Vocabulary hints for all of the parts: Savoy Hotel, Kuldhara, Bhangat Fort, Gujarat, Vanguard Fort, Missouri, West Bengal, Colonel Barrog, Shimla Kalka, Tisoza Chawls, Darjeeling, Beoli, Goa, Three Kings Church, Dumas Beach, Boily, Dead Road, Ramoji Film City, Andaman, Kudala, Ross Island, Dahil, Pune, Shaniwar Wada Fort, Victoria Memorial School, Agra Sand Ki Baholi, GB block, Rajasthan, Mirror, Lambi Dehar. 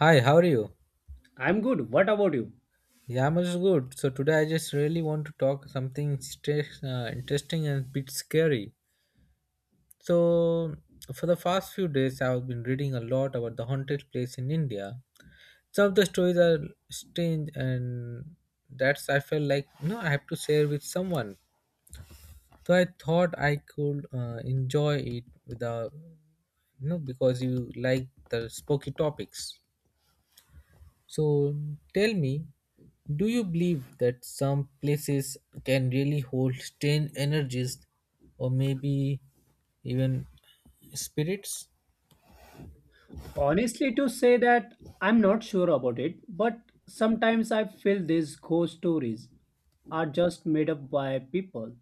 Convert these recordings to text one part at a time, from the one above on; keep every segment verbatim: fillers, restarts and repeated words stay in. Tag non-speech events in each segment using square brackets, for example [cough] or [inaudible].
Hi, how are you? I'm good. What about you? Yeah, I'm also good. So today I just really want to talk something stress, uh, interesting and a bit scary. So for the past few days, I've been reading a lot about the haunted place in India. Some of the stories are strange, and that's I felt like no, I have to share with someone. So I thought I could uh, enjoy it with the you know because you like the spooky topics. So tell me, do you believe that some places can really hold strange energies, or maybe even spirits? Honestly, to say that I'm not sure about it, but sometimes I feel these ghost stories are just made up by people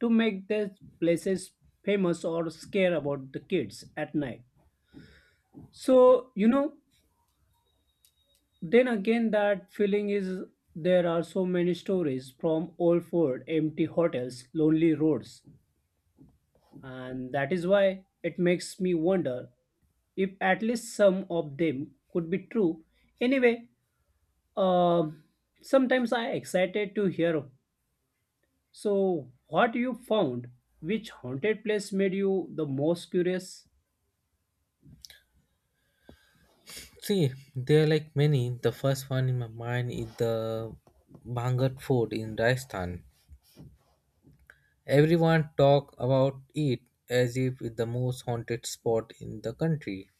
to make their places famous or scare about the kids at night. So, you know, then again, that feeling is there are so many stories from old fort, empty hotels, lonely roads, and that is why it makes me wonder if at least some of them could be true. Anyway, um sometimes I excited to hear. So, what you found? Which haunted place made you the most curious? See, there are like many. The first one in my mind is the Bhangat Fort in Rajasthan. Everyone talk about it as if it's the most haunted spot in the country.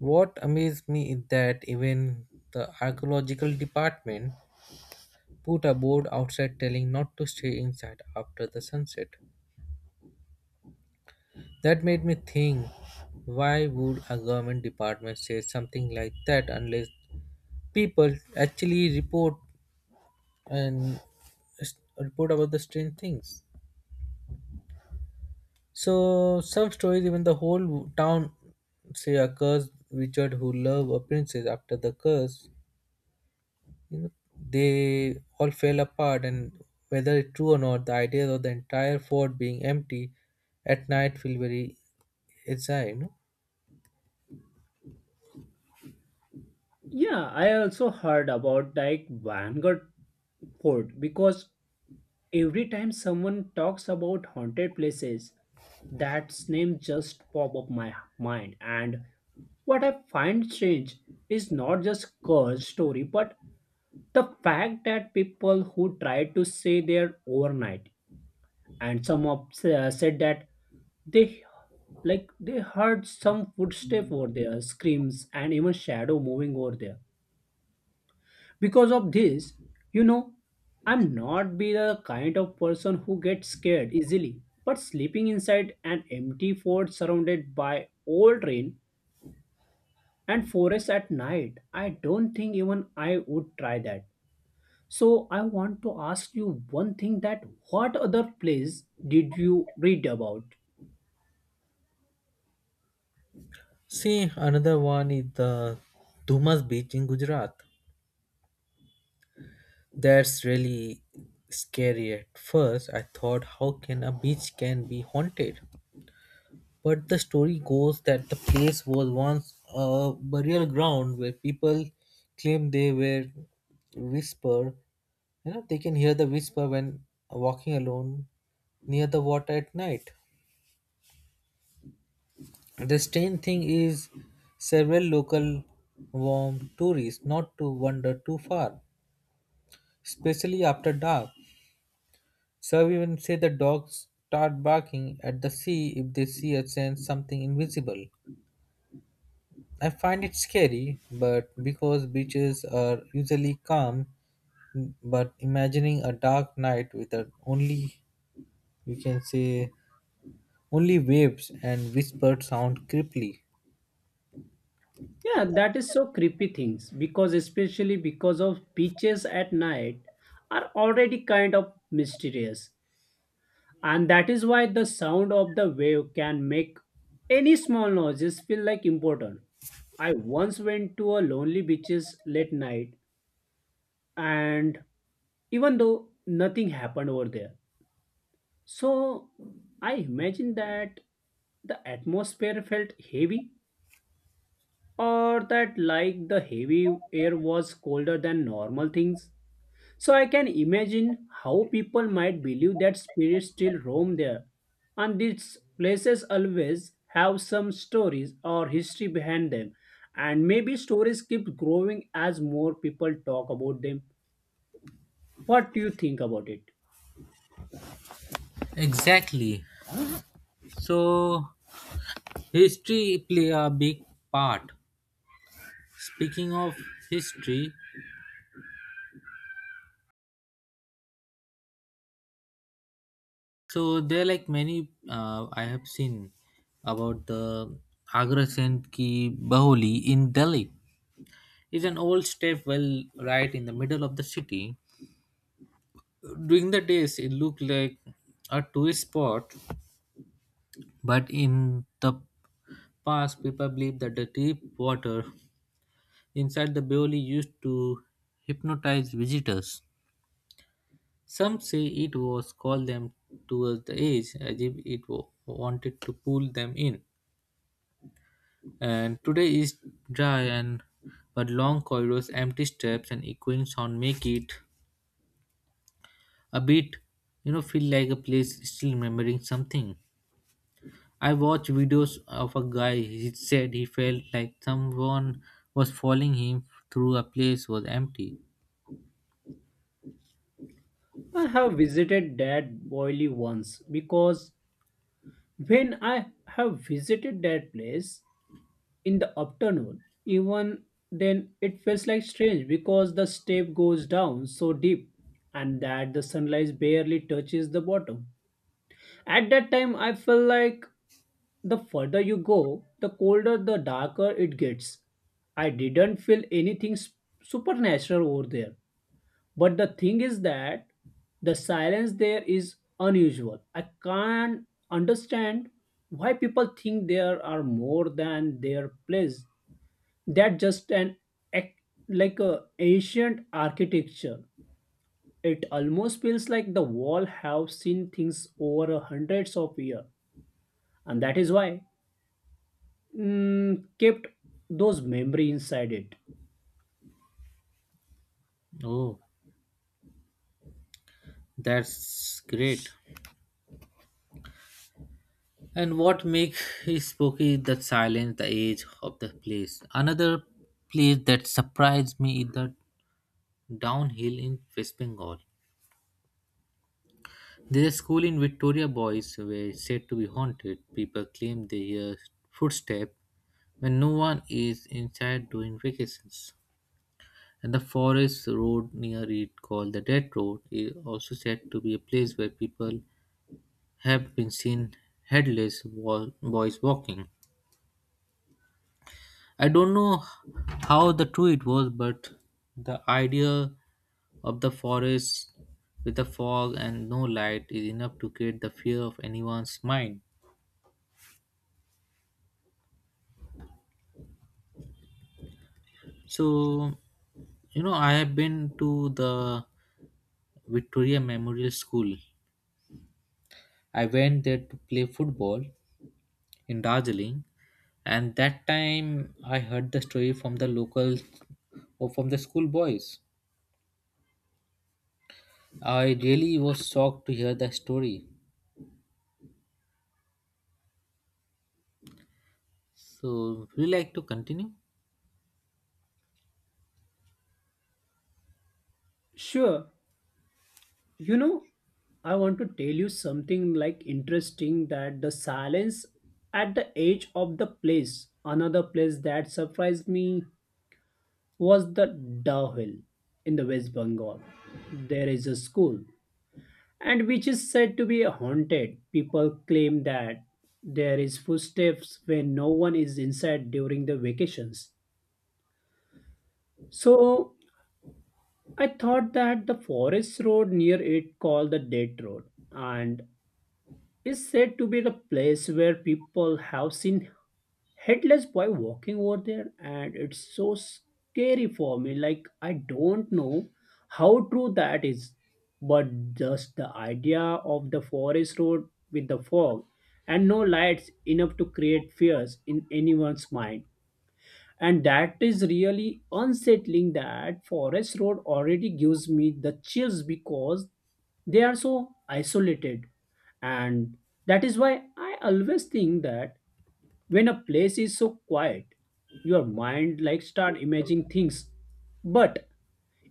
What amazed me is that even the archaeological department put a board outside telling not to stay inside after the sunset. That made me think why would a government department say something like that unless people actually report and s- report about the strange things. So some stories even the whole town say a curse wizard who loved a princess after the curse you know they all fell apart, and whether it's true or not the idea of the entire fort being empty at night feel very exile you know Yeah, I also heard about like Vanguard Fort because every time someone talks about haunted places, that name just pop up my mind and what I find strange is not just Kerr's story, but the fact that people who tried to stay there overnight and some of, uh, said that they like they heard some footsteps over there screams and even shadow moving over there because of this you know I'm not be the kind of person who gets scared easily, but sleeping inside an empty fort surrounded by old rain and forest at night, I don't think even I would try that. So I want to ask you one thing that what other place did you read about? See another one is the Dumas Beach in Gujarat. That's really scary. At first I thought how can a beach can be haunted, but the story goes that the place was once a burial ground where people claim they were whisper. You know, they can hear the whisper when walking alone near the water at night. The strange thing is, several local warm tourists not to wander too far, especially after dark. Some even say the dogs start barking at the sea if they see or sense something invisible. I find it scary, but because beaches are usually calm, but imagining a dark night with a only, you can say, only waves and whispered sound creepily. Yeah, that is so creepy things because especially because of beaches at night are already kind of mysterious, and that is why the sound of the wave can make any small noises feel like important. I once went to a lonely beaches late night, and even though nothing happened over there, so I imagine that the atmosphere felt heavy or that like the heavy air was colder than normal things. So I can imagine how people might believe that spirits still roam there, and these places always have some stories or history behind them, and maybe stories keep growing as more people talk about them. What do you think about it? Exactly. So, history play a big part. Speaking of history, so there are like many, uh, I have seen about the Agra Sand Ki Baholi in Delhi. It's an old step well right in the middle of the city. During the days, it looked like a tourist spot, but in the past, people believed that the deep water inside the Beoli used to hypnotize visitors. Some say it was called them towards the edge as if it wa- wanted to pull them in. And today is dry and but long corridors, empty steps, and echoing sound make it a bit, you know, feel like a place still remembering something. I watched videos of a guy. He said he felt like someone was following him through a place was empty. I have visited that Boily once because when I have visited that place in the afternoon, even then it feels like strange because the step goes down so deep and that the sunlight barely touches the bottom. At that time, I felt like the further you go, the colder, the darker it gets. I didn't feel anything s- supernatural over there, but the thing is that the silence there is unusual. I can't understand why people think there are more than their place. That just an ac- like a ancient architecture. It almost feels like the wall have seen things over hundreds of years, and that is why mm, kept those memory inside it. Oh, that's great. And what makes it spooky is the silence, the age of the place. Another place that surprised me is the downhill in West Bengal. There's a school in Victoria Boys where it's said to be haunted. People claim they hear footsteps when no one is inside during vacations. And the forest road near it, called the Dead Road, is also said to be a place where people have been seen headless wa- boys walking. I don't know how the true it was, but the idea of the forest with the fog and no light is enough to create the fear of anyone's mind. So, you know, I have been to the Victoria Memorial School. I went there to play football in Darjeeling, and that time I heard the story from the locals or from the school boys. I really was shocked to hear the story. So, would you like to continue? Sure, you know, I want to tell you something like interesting that the silence at the edge of the place, another place that surprised me was the Dahil in the West Bengal. There is a school and which is said to be haunted. People claim that there is footsteps when no one is inside during the vacations. So I thought that the forest road near it called the Dead Road and is said to be the place where people have seen headless boy walking over there, and it's so scary for me. Like, I don't know how true that is, but just the idea of the forest road with the fog and no lights enough to create fears in anyone's mind. And that is really unsettling that forest road already gives me the chills because they are so isolated, and that is why I always think that when a place is so quiet your mind like start imagining things. But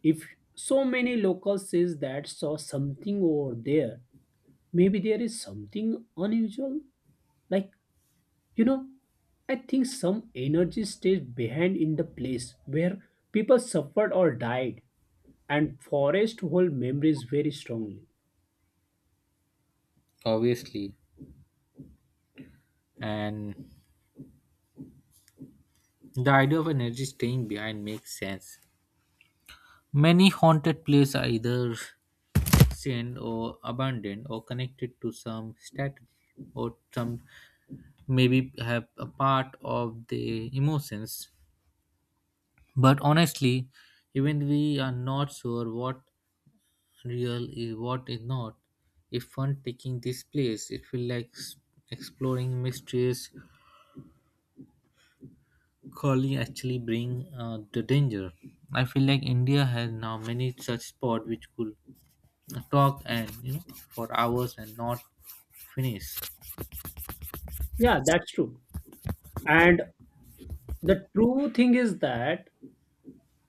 if so many locals says that saw something over there, maybe there is something unusual. Like, you know, I think some energy stays behind in the place where people suffered or died, and forest hold memories very strongly. Obviously. And the idea of energy staying behind makes sense. Many haunted places are either seen or abandoned or connected to some statue or some maybe have a part of the emotions. But honestly, even we are not sure what real is what is not. If one taking this place, it feel like s- exploring mysteries curling actually bring uh, the danger. I feel like India has now many such spots which could talk and you know for hours and not finish. Yeah, that's true. And the true thing is that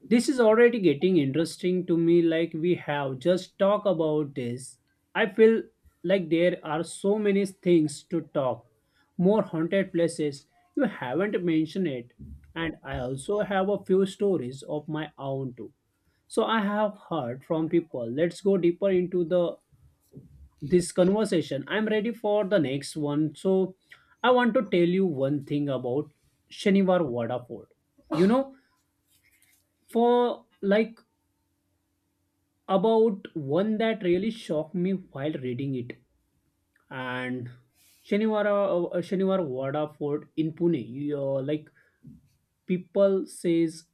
this is already getting interesting to me. Like we have just talked about this. I feel like there are so many things to talk, more haunted places. You haven't mentioned it, and I also have a few stories of my own too. So I have heard from people. Let's go deeper into the this conversation. I'm ready for the next one. So I want to tell you one thing about Shaniwar Wada Fort. You know, for like about one that really shocked me while reading it. And Shaniwar uh, Shaniwar Wada Fort in Pune. You, uh, like people says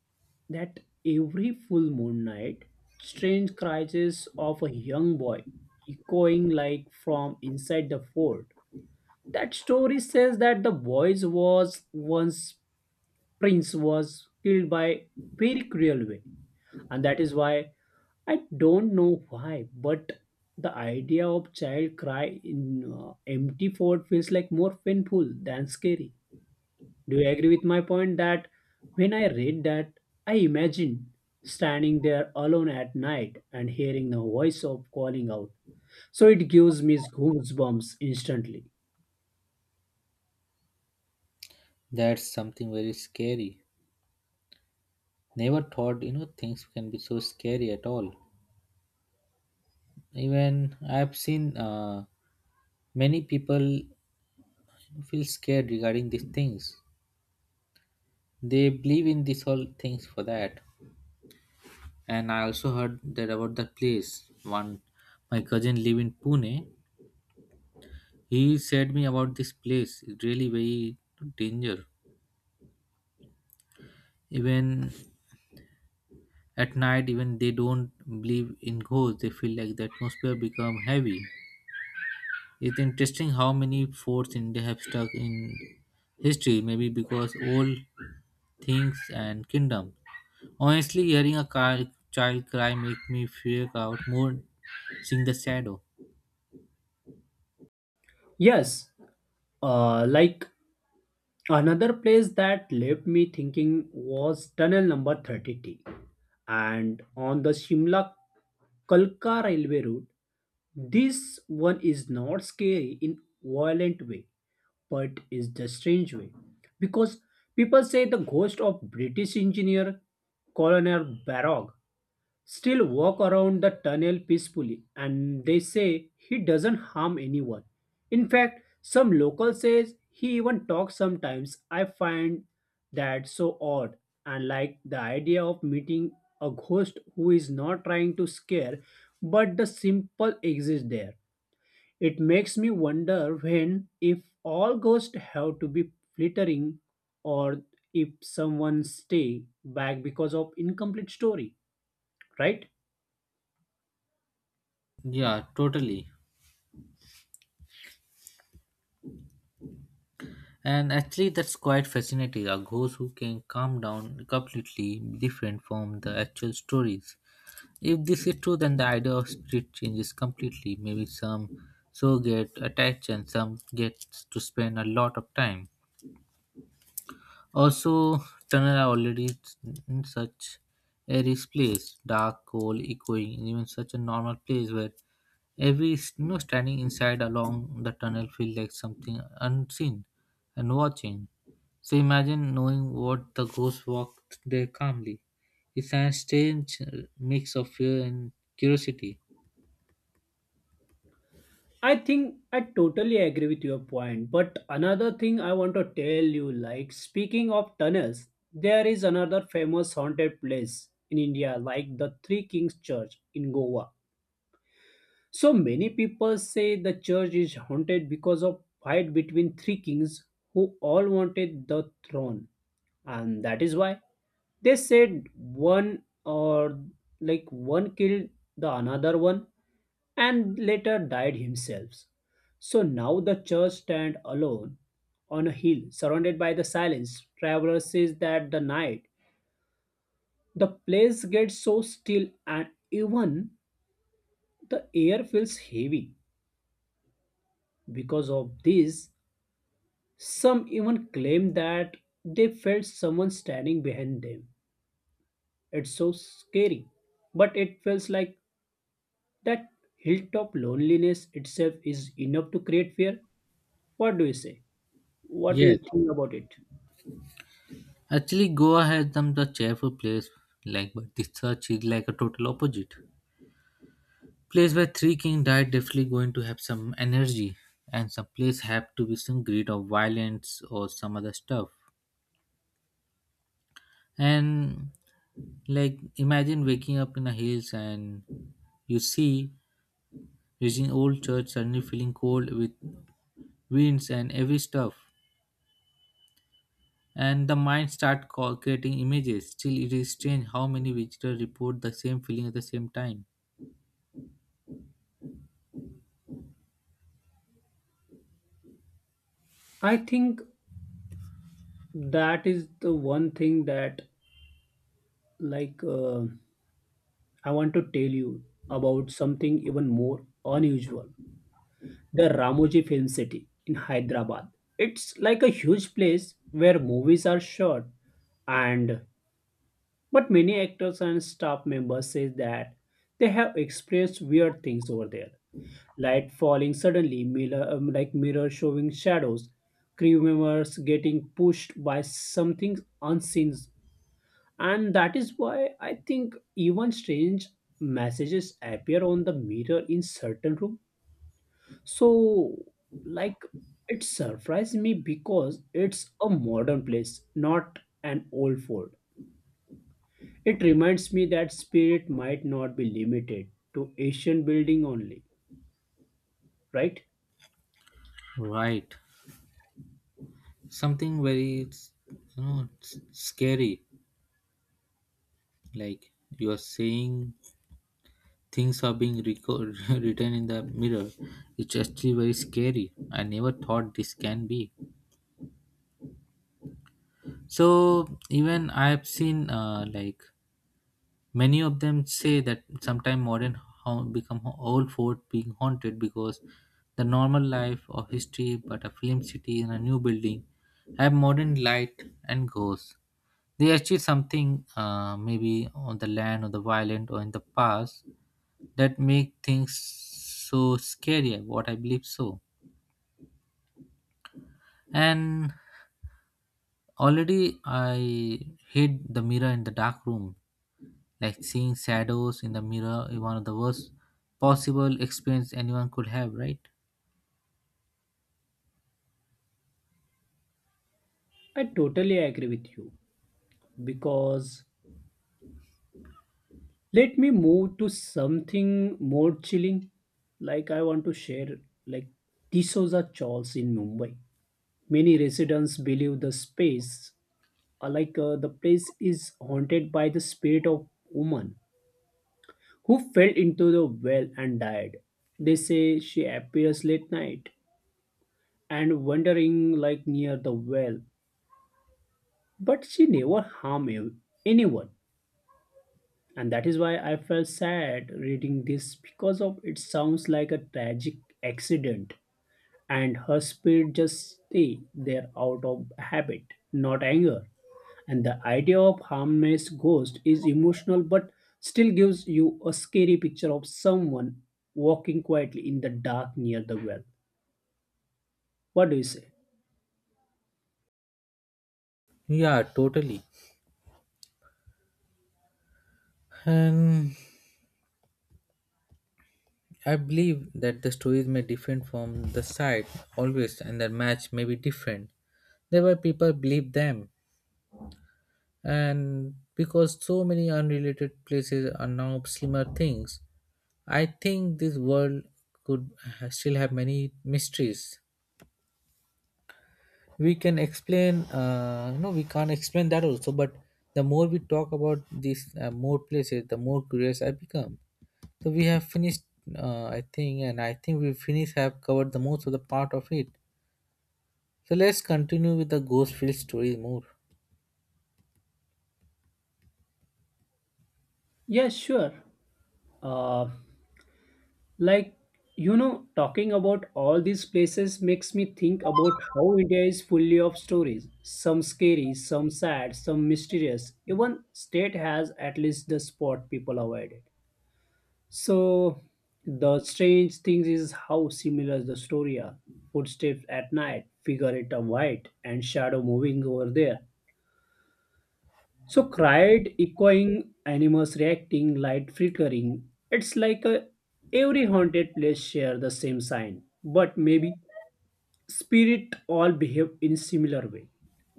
that every full moon night strange cries of a young boy echoing like from inside the fort. That story says that the boy was once prince was killed by very cruel way, and that is why I don't know why, but the idea of child cry in uh, empty fort feels like more painful than scary. Do you agree with my point that when I read that, I imagine standing there alone at night and hearing the voice of calling out. So it gives me goosebumps instantly. That's something very scary. Never thought you know things can be so scary at all. Even I've seen uh, many people feel scared regarding these things. They believe in these whole things for that. And I also heard that about the place. One, my cousin live in Pune. He said me about this place. It's really very danger. Even at night, even they don't believe in ghosts. They feel like the atmosphere become heavy. It's interesting how many forts India have stuck in history. Maybe because old things and kingdoms. Honestly, hearing a car, child cry make me freak out more. Seeing the shadow. Yes, uh, like another place that left me thinking was tunnel number thirty T and on the Shimla Kalka railway route. This one is not scary in violent way, but is the strange way. Because people say the ghost of British engineer Colonel Barrog still walk around the tunnel peacefully, and they say he doesn't harm anyone. In fact, some local says he even talks sometimes. I find that so odd, and like the idea of meeting a ghost who is not trying to scare but the simple exists there, it makes me wonder when if all ghosts have to be flittering or if someone stay back because of incomplete story, right? Yeah, totally. And actually, that's quite fascinating. A ghost who can come down completely different from the actual stories. If this is true, then the idea of spirit changes completely. Maybe some so get attached and some get to spend a lot of time. Also, tunnel are already in such a rich place, dark, cold, echoing, and even such a normal place where every s- you know, standing inside along the tunnel feels like something unseen and watching. So imagine knowing what the ghost walked there calmly. It's a strange uh, mix of fear and curiosity. I think I totally agree with your point. But another thing I want to tell you, like, speaking of tunnels, there is another famous haunted place in India, like the Three Kings Church in Goa. So many people say the church is haunted because of fight between three kings who all wanted the throne, and that is why they said one or like one killed the another one and later died himself. So now the church stand alone on a hill surrounded by the silence. Traveler says that the night the place gets so still and even the air feels heavy. Because of this, some even claim that they felt someone standing behind them. It's so scary. But it feels like that hilltop loneliness itself is enough to create fear. What do you say? What do you Yes. think about it? Actually, Goa has done the cheerful place, like, but the church is like a total opposite. Place where three king died definitely going to have some energy, and some place have to be some greed of violence or some other stuff. And like, imagine waking up in the hills and you see reaching old church suddenly feeling cold with winds and every stuff, and the mind start co- creating images. Still it is strange how many visitors report the same feeling at the same time. I think that is the one thing that, like, uh, I want to tell you about something even more unusual. The Ramoji Film City in Hyderabad. It's like a huge place where movies are shot, and but many actors and staff members say that they have experienced weird things over there. Light falling suddenly, mirror, um, like mirror showing shadows, crew members getting pushed by something unseen. And that is why I think even strange messages appear on the mirror in certain rooms. So, like, it surprised me because it's a modern place, not an old fort. It reminds me that spirit might not be limited to Asian building only, right? Right, something very it's, you know it's scary. Like you are saying things are being record, [laughs] written in the mirror. It's actually very scary. I never thought this can be so. Even I have seen uh, like many of them say that sometimes modern haunt become ho- old fort being haunted because the normal life of history, but a film city in a new building, have modern light and ghosts. They achieve something, uh, maybe on the land or the violent or in the past, that make things so scary. What I believe so, and already I hate the mirror in the dark room. Like seeing shadows in the mirror is one of the worst possible experience anyone could have, right? I totally agree with you because let me move to something more chilling. Like, I want to share, like, Tisoza Chawls in Mumbai. Many residents believe the space uh, like uh, the place is haunted by the spirit of woman who fell into the well and died. They say she appears late night and wandering like near the well, but she never harm a- anyone. And that is why I felt sad reading this because of it sounds like a tragic accident, and her spirit just stay there out of habit, not anger. And the idea of harmless ghost is emotional but still gives you a scary picture of someone walking quietly in the dark near the well. What do you say? Yeah, totally. And I believe that the stories may different from the site always, and the match may be different. There were people believe them, and because so many unrelated places are now similar things, I think this world could ha- still have many mysteries. We can explain uh, no we can't explain that also, but the more we talk about these uh, more places the more curious I become. So we have finished, uh, I think, and I think we finished have covered the most of the part of it. So let's continue with the ghost field story more. Yeah, sure. Uh, like, you know, talking about all these places makes me think about how India is fully of stories. Some scary, some sad, some mysterious. Even state has at least the spot people avoided. So the strange thing is how similar the story are. Footsteps at night, figure figurative white, and shadow moving over there. So cried, echoing, animals reacting, light flickering. It's like a, every haunted place share the same sign, but maybe spirit all behave in similar way,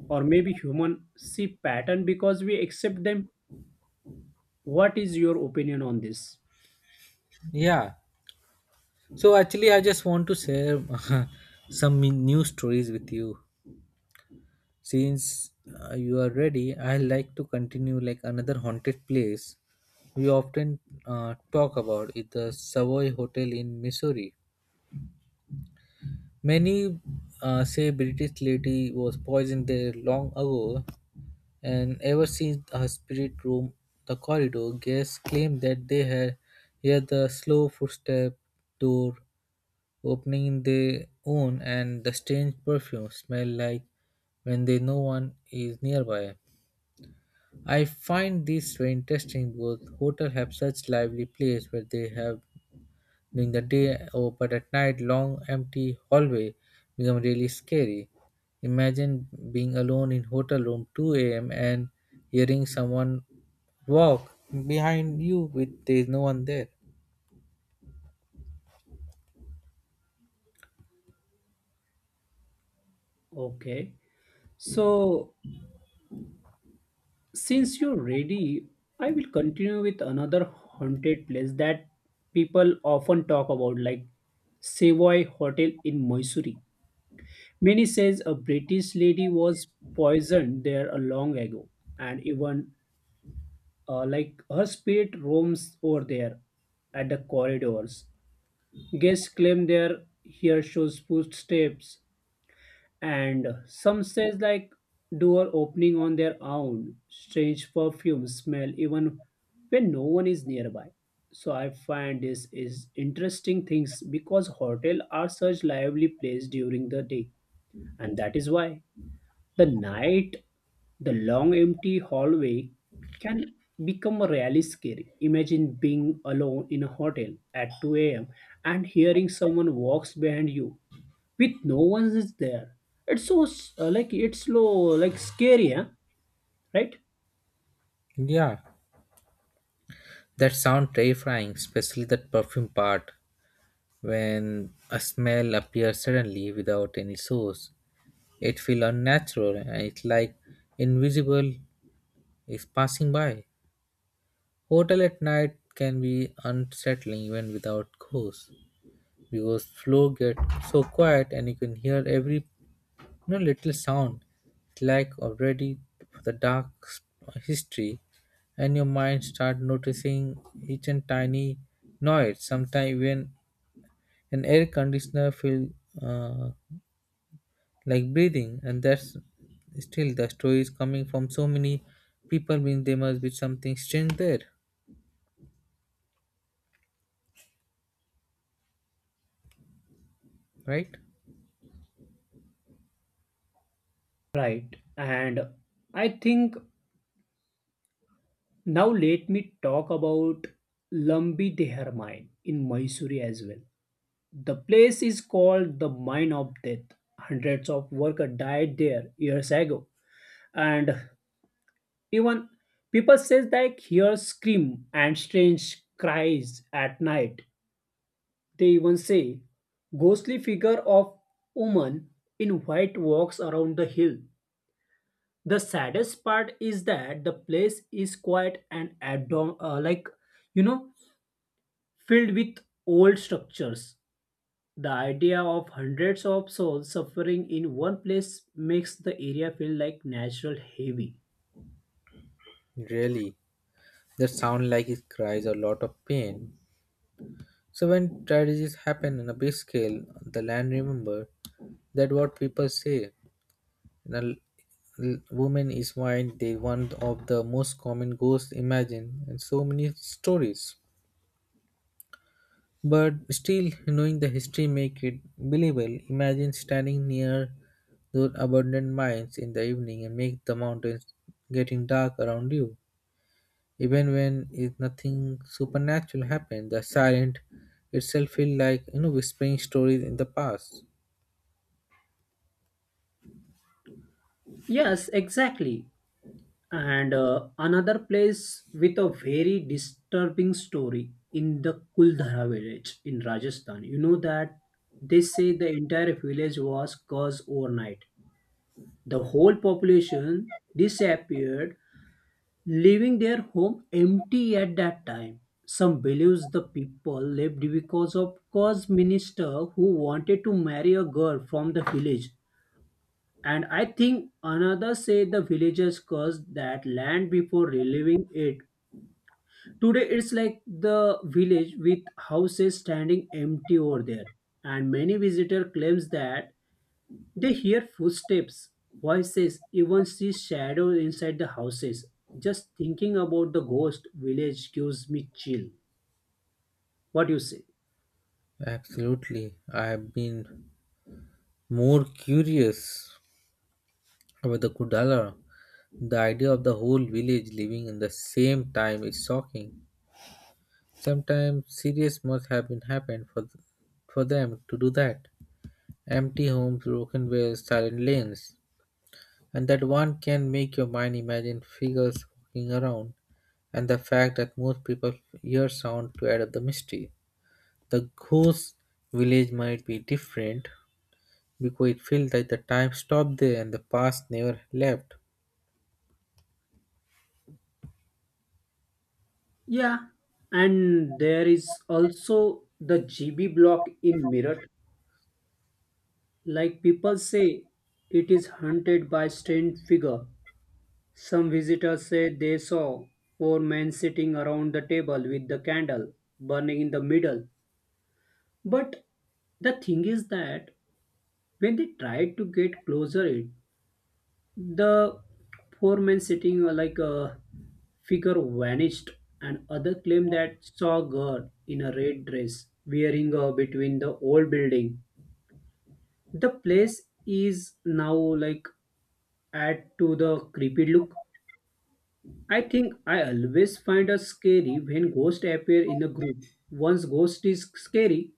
or maybe human see pattern because we accept them. What is your opinion on this? Yeah, so actually I just want to share [laughs] some new stories with you. Since uh, you are ready, I like to continue like another haunted place we often uh, talk about is the Savoy Hotel in Missouri. Many uh, say British lady was poisoned there long ago, and ever since her spirit roamed the corridor, guests claim that they had heard the slow footstep, door opening in their own, and the strange perfume smell like when they no one is nearby. I find this very interesting. Both hotel have such lively place where they have during the day, or but at night, long empty hallway become really scary. Imagine being alone in hotel room two a m and hearing someone walk behind you with there's no one there. Okay, so since you're ready, I will continue with another haunted place that people often talk about, like Savoy Hotel in Mysore. Many says a British lady was poisoned there a long ago, and even uh, like her spirit roams over there at the corridors. Guests claim their here shows footsteps and some says like door opening on their own strange perfume smell even when no one is nearby. So I find this is interesting things because hotel are such lively place during the day, and that is why the night, the long empty hallway can become really scary. Imagine being alone in a hotel at two a.m. and hearing someone walks behind you with no one is there. It's so s- uh, like it's slow, like scary, huh? Right? Yeah, that sound terrifying, especially that perfume part when a smell appears suddenly without any source. It feels unnatural and it's like invisible is passing by. Hotel at night can be unsettling even without ghosts because floor get so quiet and you can hear every you know, little sound. It's like already the dark s- history and your mind start noticing each and tiny noise. Sometimes even an air conditioner feel uh, like breathing, and that's still the story is coming from so many people means there must be something strange there, right? Right. And I think now let me talk about Lambi Dehar mine in Mysore as well. The place is called the Mine of Death. Hundreds of workers died there years ago, and even people says they hear scream and strange cries at night. They even say, ghostly figure of woman in white walks around the hill. The saddest part is that the place is quiet and adorn, uh, like you know, filled with old structures. The idea of hundreds of souls suffering in one place makes the area feel like natural heavy. Really, that sound like it cries a lot of pain. So when tragedies happen on a big scale, the land remember that what people say. And woman is why they one of the most common ghosts imagine and so many stories. But still knowing the history make it believable. Imagine standing near those abandoned mines in the evening and make the mountains getting dark around you. Even when it, nothing supernatural happened, the silent itself feel like you know whispering stories in the past. Yes, exactly. And uh, another place with a very disturbing story in the Kuldhara village in Rajasthan. You know that they say the entire village was cursed overnight. The whole population disappeared, leaving their home empty at that time. Some believes the people left because of cause minister who wanted to marry a girl from the village. And I think another say the villagers cursed that land before reliving it. Today it's like the village with houses standing empty over there, and many visitor claims that they hear footsteps, voices, even see shadows inside the houses. Just thinking about the ghost village gives me chill. What do you say? Absolutely, I have been more curious about the Kudala. The idea of the whole village living in the same time is shocking. Sometimes serious must have been happened for for them to do that. Empty homes, broken ways, silent lanes, and that one can make your mind imagine figures walking around, and the fact that most people hear sound to add up the mystery. The ghost village might be different because it feels like the time stopped there and the past never left. Yeah, and there is also the G B block in Mirror. Like people say, it is haunted by strange figure. Some visitors said they saw four men sitting around the table with the candle burning in the middle. But the thing is that when they tried to get closer, it, the four men sitting were like a figure vanished, and other claimed that saw a girl in a red dress wearing her between the old building. The place is now like add to the creepy look. I think I always find us scary when ghosts appear in a group. One's ghost is scary,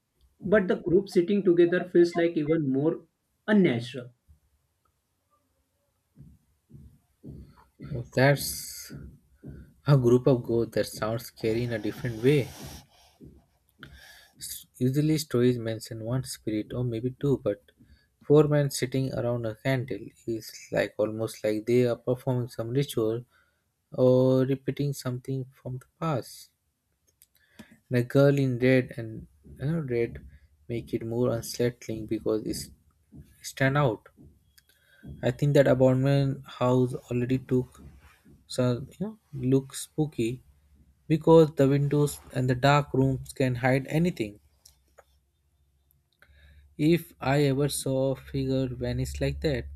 but the group sitting together feels like even more unnatural. That's a group of ghosts that sounds scary in a different way. S- Usually, stories mention one spirit or maybe two, but four men sitting around a candle is like almost like they are performing some ritual or repeating something from the past. The girl in red and you know, red make it more unsettling because it's stand out. I think that abandoned house already took some you know look spooky because the windows and the dark rooms can hide anything. If I ever saw a figure vanish like that,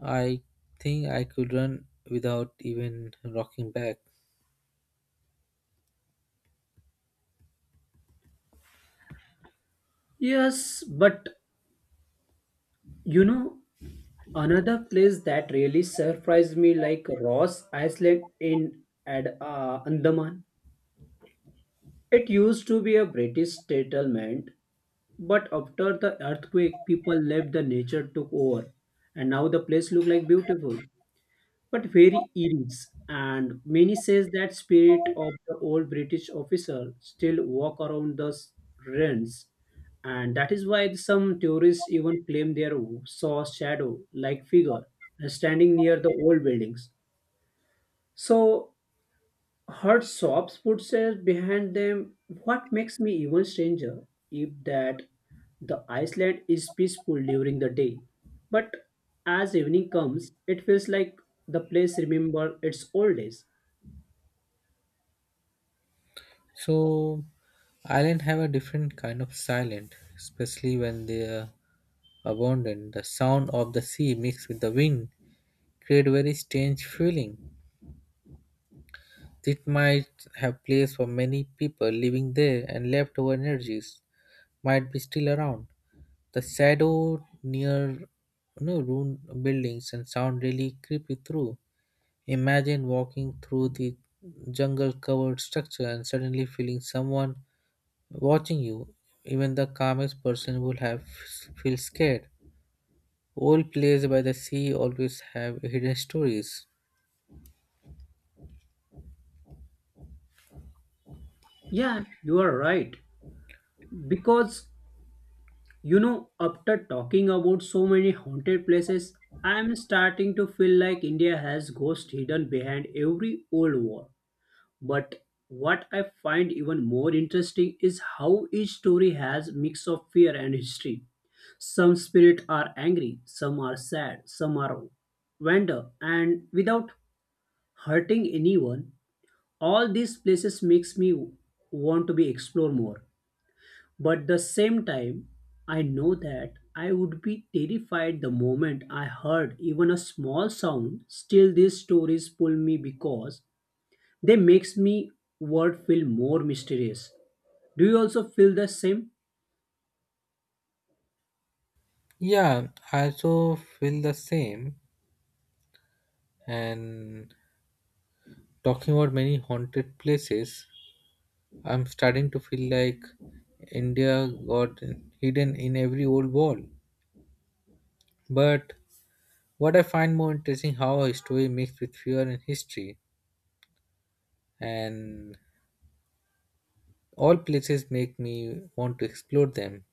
I think I could run without even rocking back. Yes, but you know, another place that really surprised me like Ross Island in Ad, uh, Andaman. It used to be a British settlement, but after the earthquake, people left the nature took over, and now the place looks like beautiful, but very eras. And many says that spirit of the old British officer still walk around the s- ruins, and that is why some tourists even claim they saw shadow-like figure standing near the old buildings. So her soft footsteps behind them. What makes me even stranger if that the Iceland is peaceful during the day. But as evening comes, it feels like the place remembers its old days. So island have a different kind of silent, especially when they are abandoned. The sound of the sea mixed with the wind create very strange feeling. It might have place for many people living there and leftover energies might be still around. The shadow near you know, ruined buildings and sound really creepy through. Imagine walking through the jungle covered structure and suddenly feeling someone watching you, even the calmest person will have feel scared. Old places by the sea always have hidden stories. Yeah, you are right. Because you know, after talking about so many haunted places, I am starting to feel like India has ghosts hidden behind every old wall. But what I find even more interesting is how each story has mix of fear and history. Some spirit are angry, some are sad, some are wonder, and without hurting anyone, all these places makes me want to be explore more. But the same time, I know that I would be terrified the moment I heard even a small sound. Still, these stories pull me because they makes me world feel more mysterious. Do you also feel the same? Yeah, I also feel the same. And talking about many haunted places, I'm starting to feel like India got hidden in every old wall. But what I find more interesting how a story mixed with fear and history, and all places make me want to explore them.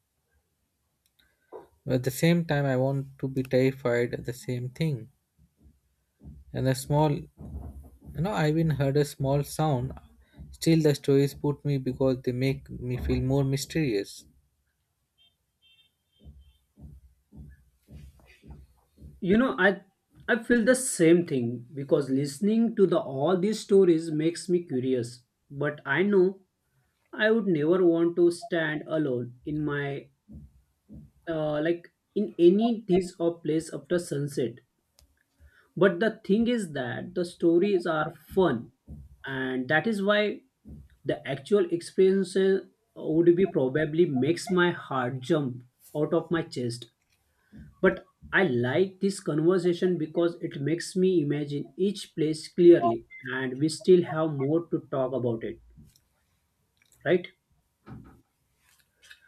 At the same time, I want to be terrified at the same thing. And a small, you know, I even heard a small sound. Still, the stories put me because they make me feel more mysterious. You know, I I feel the same thing because listening to the all these stories makes me curious. But I know I would never want to stand alone in my uh, like in any this or place after sunset. But the thing is that the stories are fun, and that is why the actual experience uh, would be probably makes my heart jump out of my chest. But I like this conversation because it makes me imagine each place clearly, and we still have more to talk about it, right?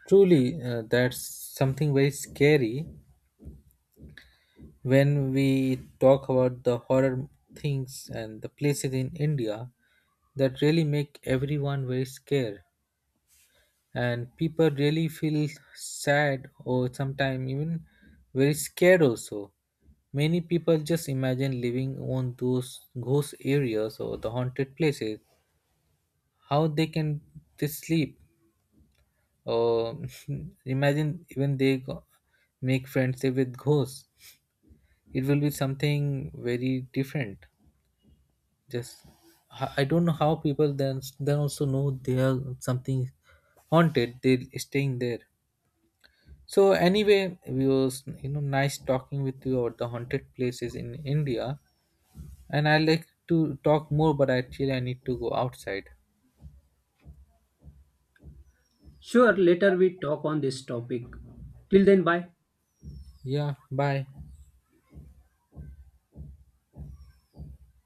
Truly, uh, that's something very scary when we talk about the horror things and the places in India that really make everyone very scared. And people really feel sad or sometimes even very scared also. Many people just imagine living on those ghost areas or the haunted places, how they can they sleep or [laughs] imagine even they go, make friendship with ghosts. It will be something very different. Just i I don't know how people then then also know they are something haunted they staying there. So anyway, we was you know nice talking with you about the haunted places in India, and I like to talk more, but actually I need to go outside. Sure, later we talk on this topic. Till then, bye. Yeah, bye.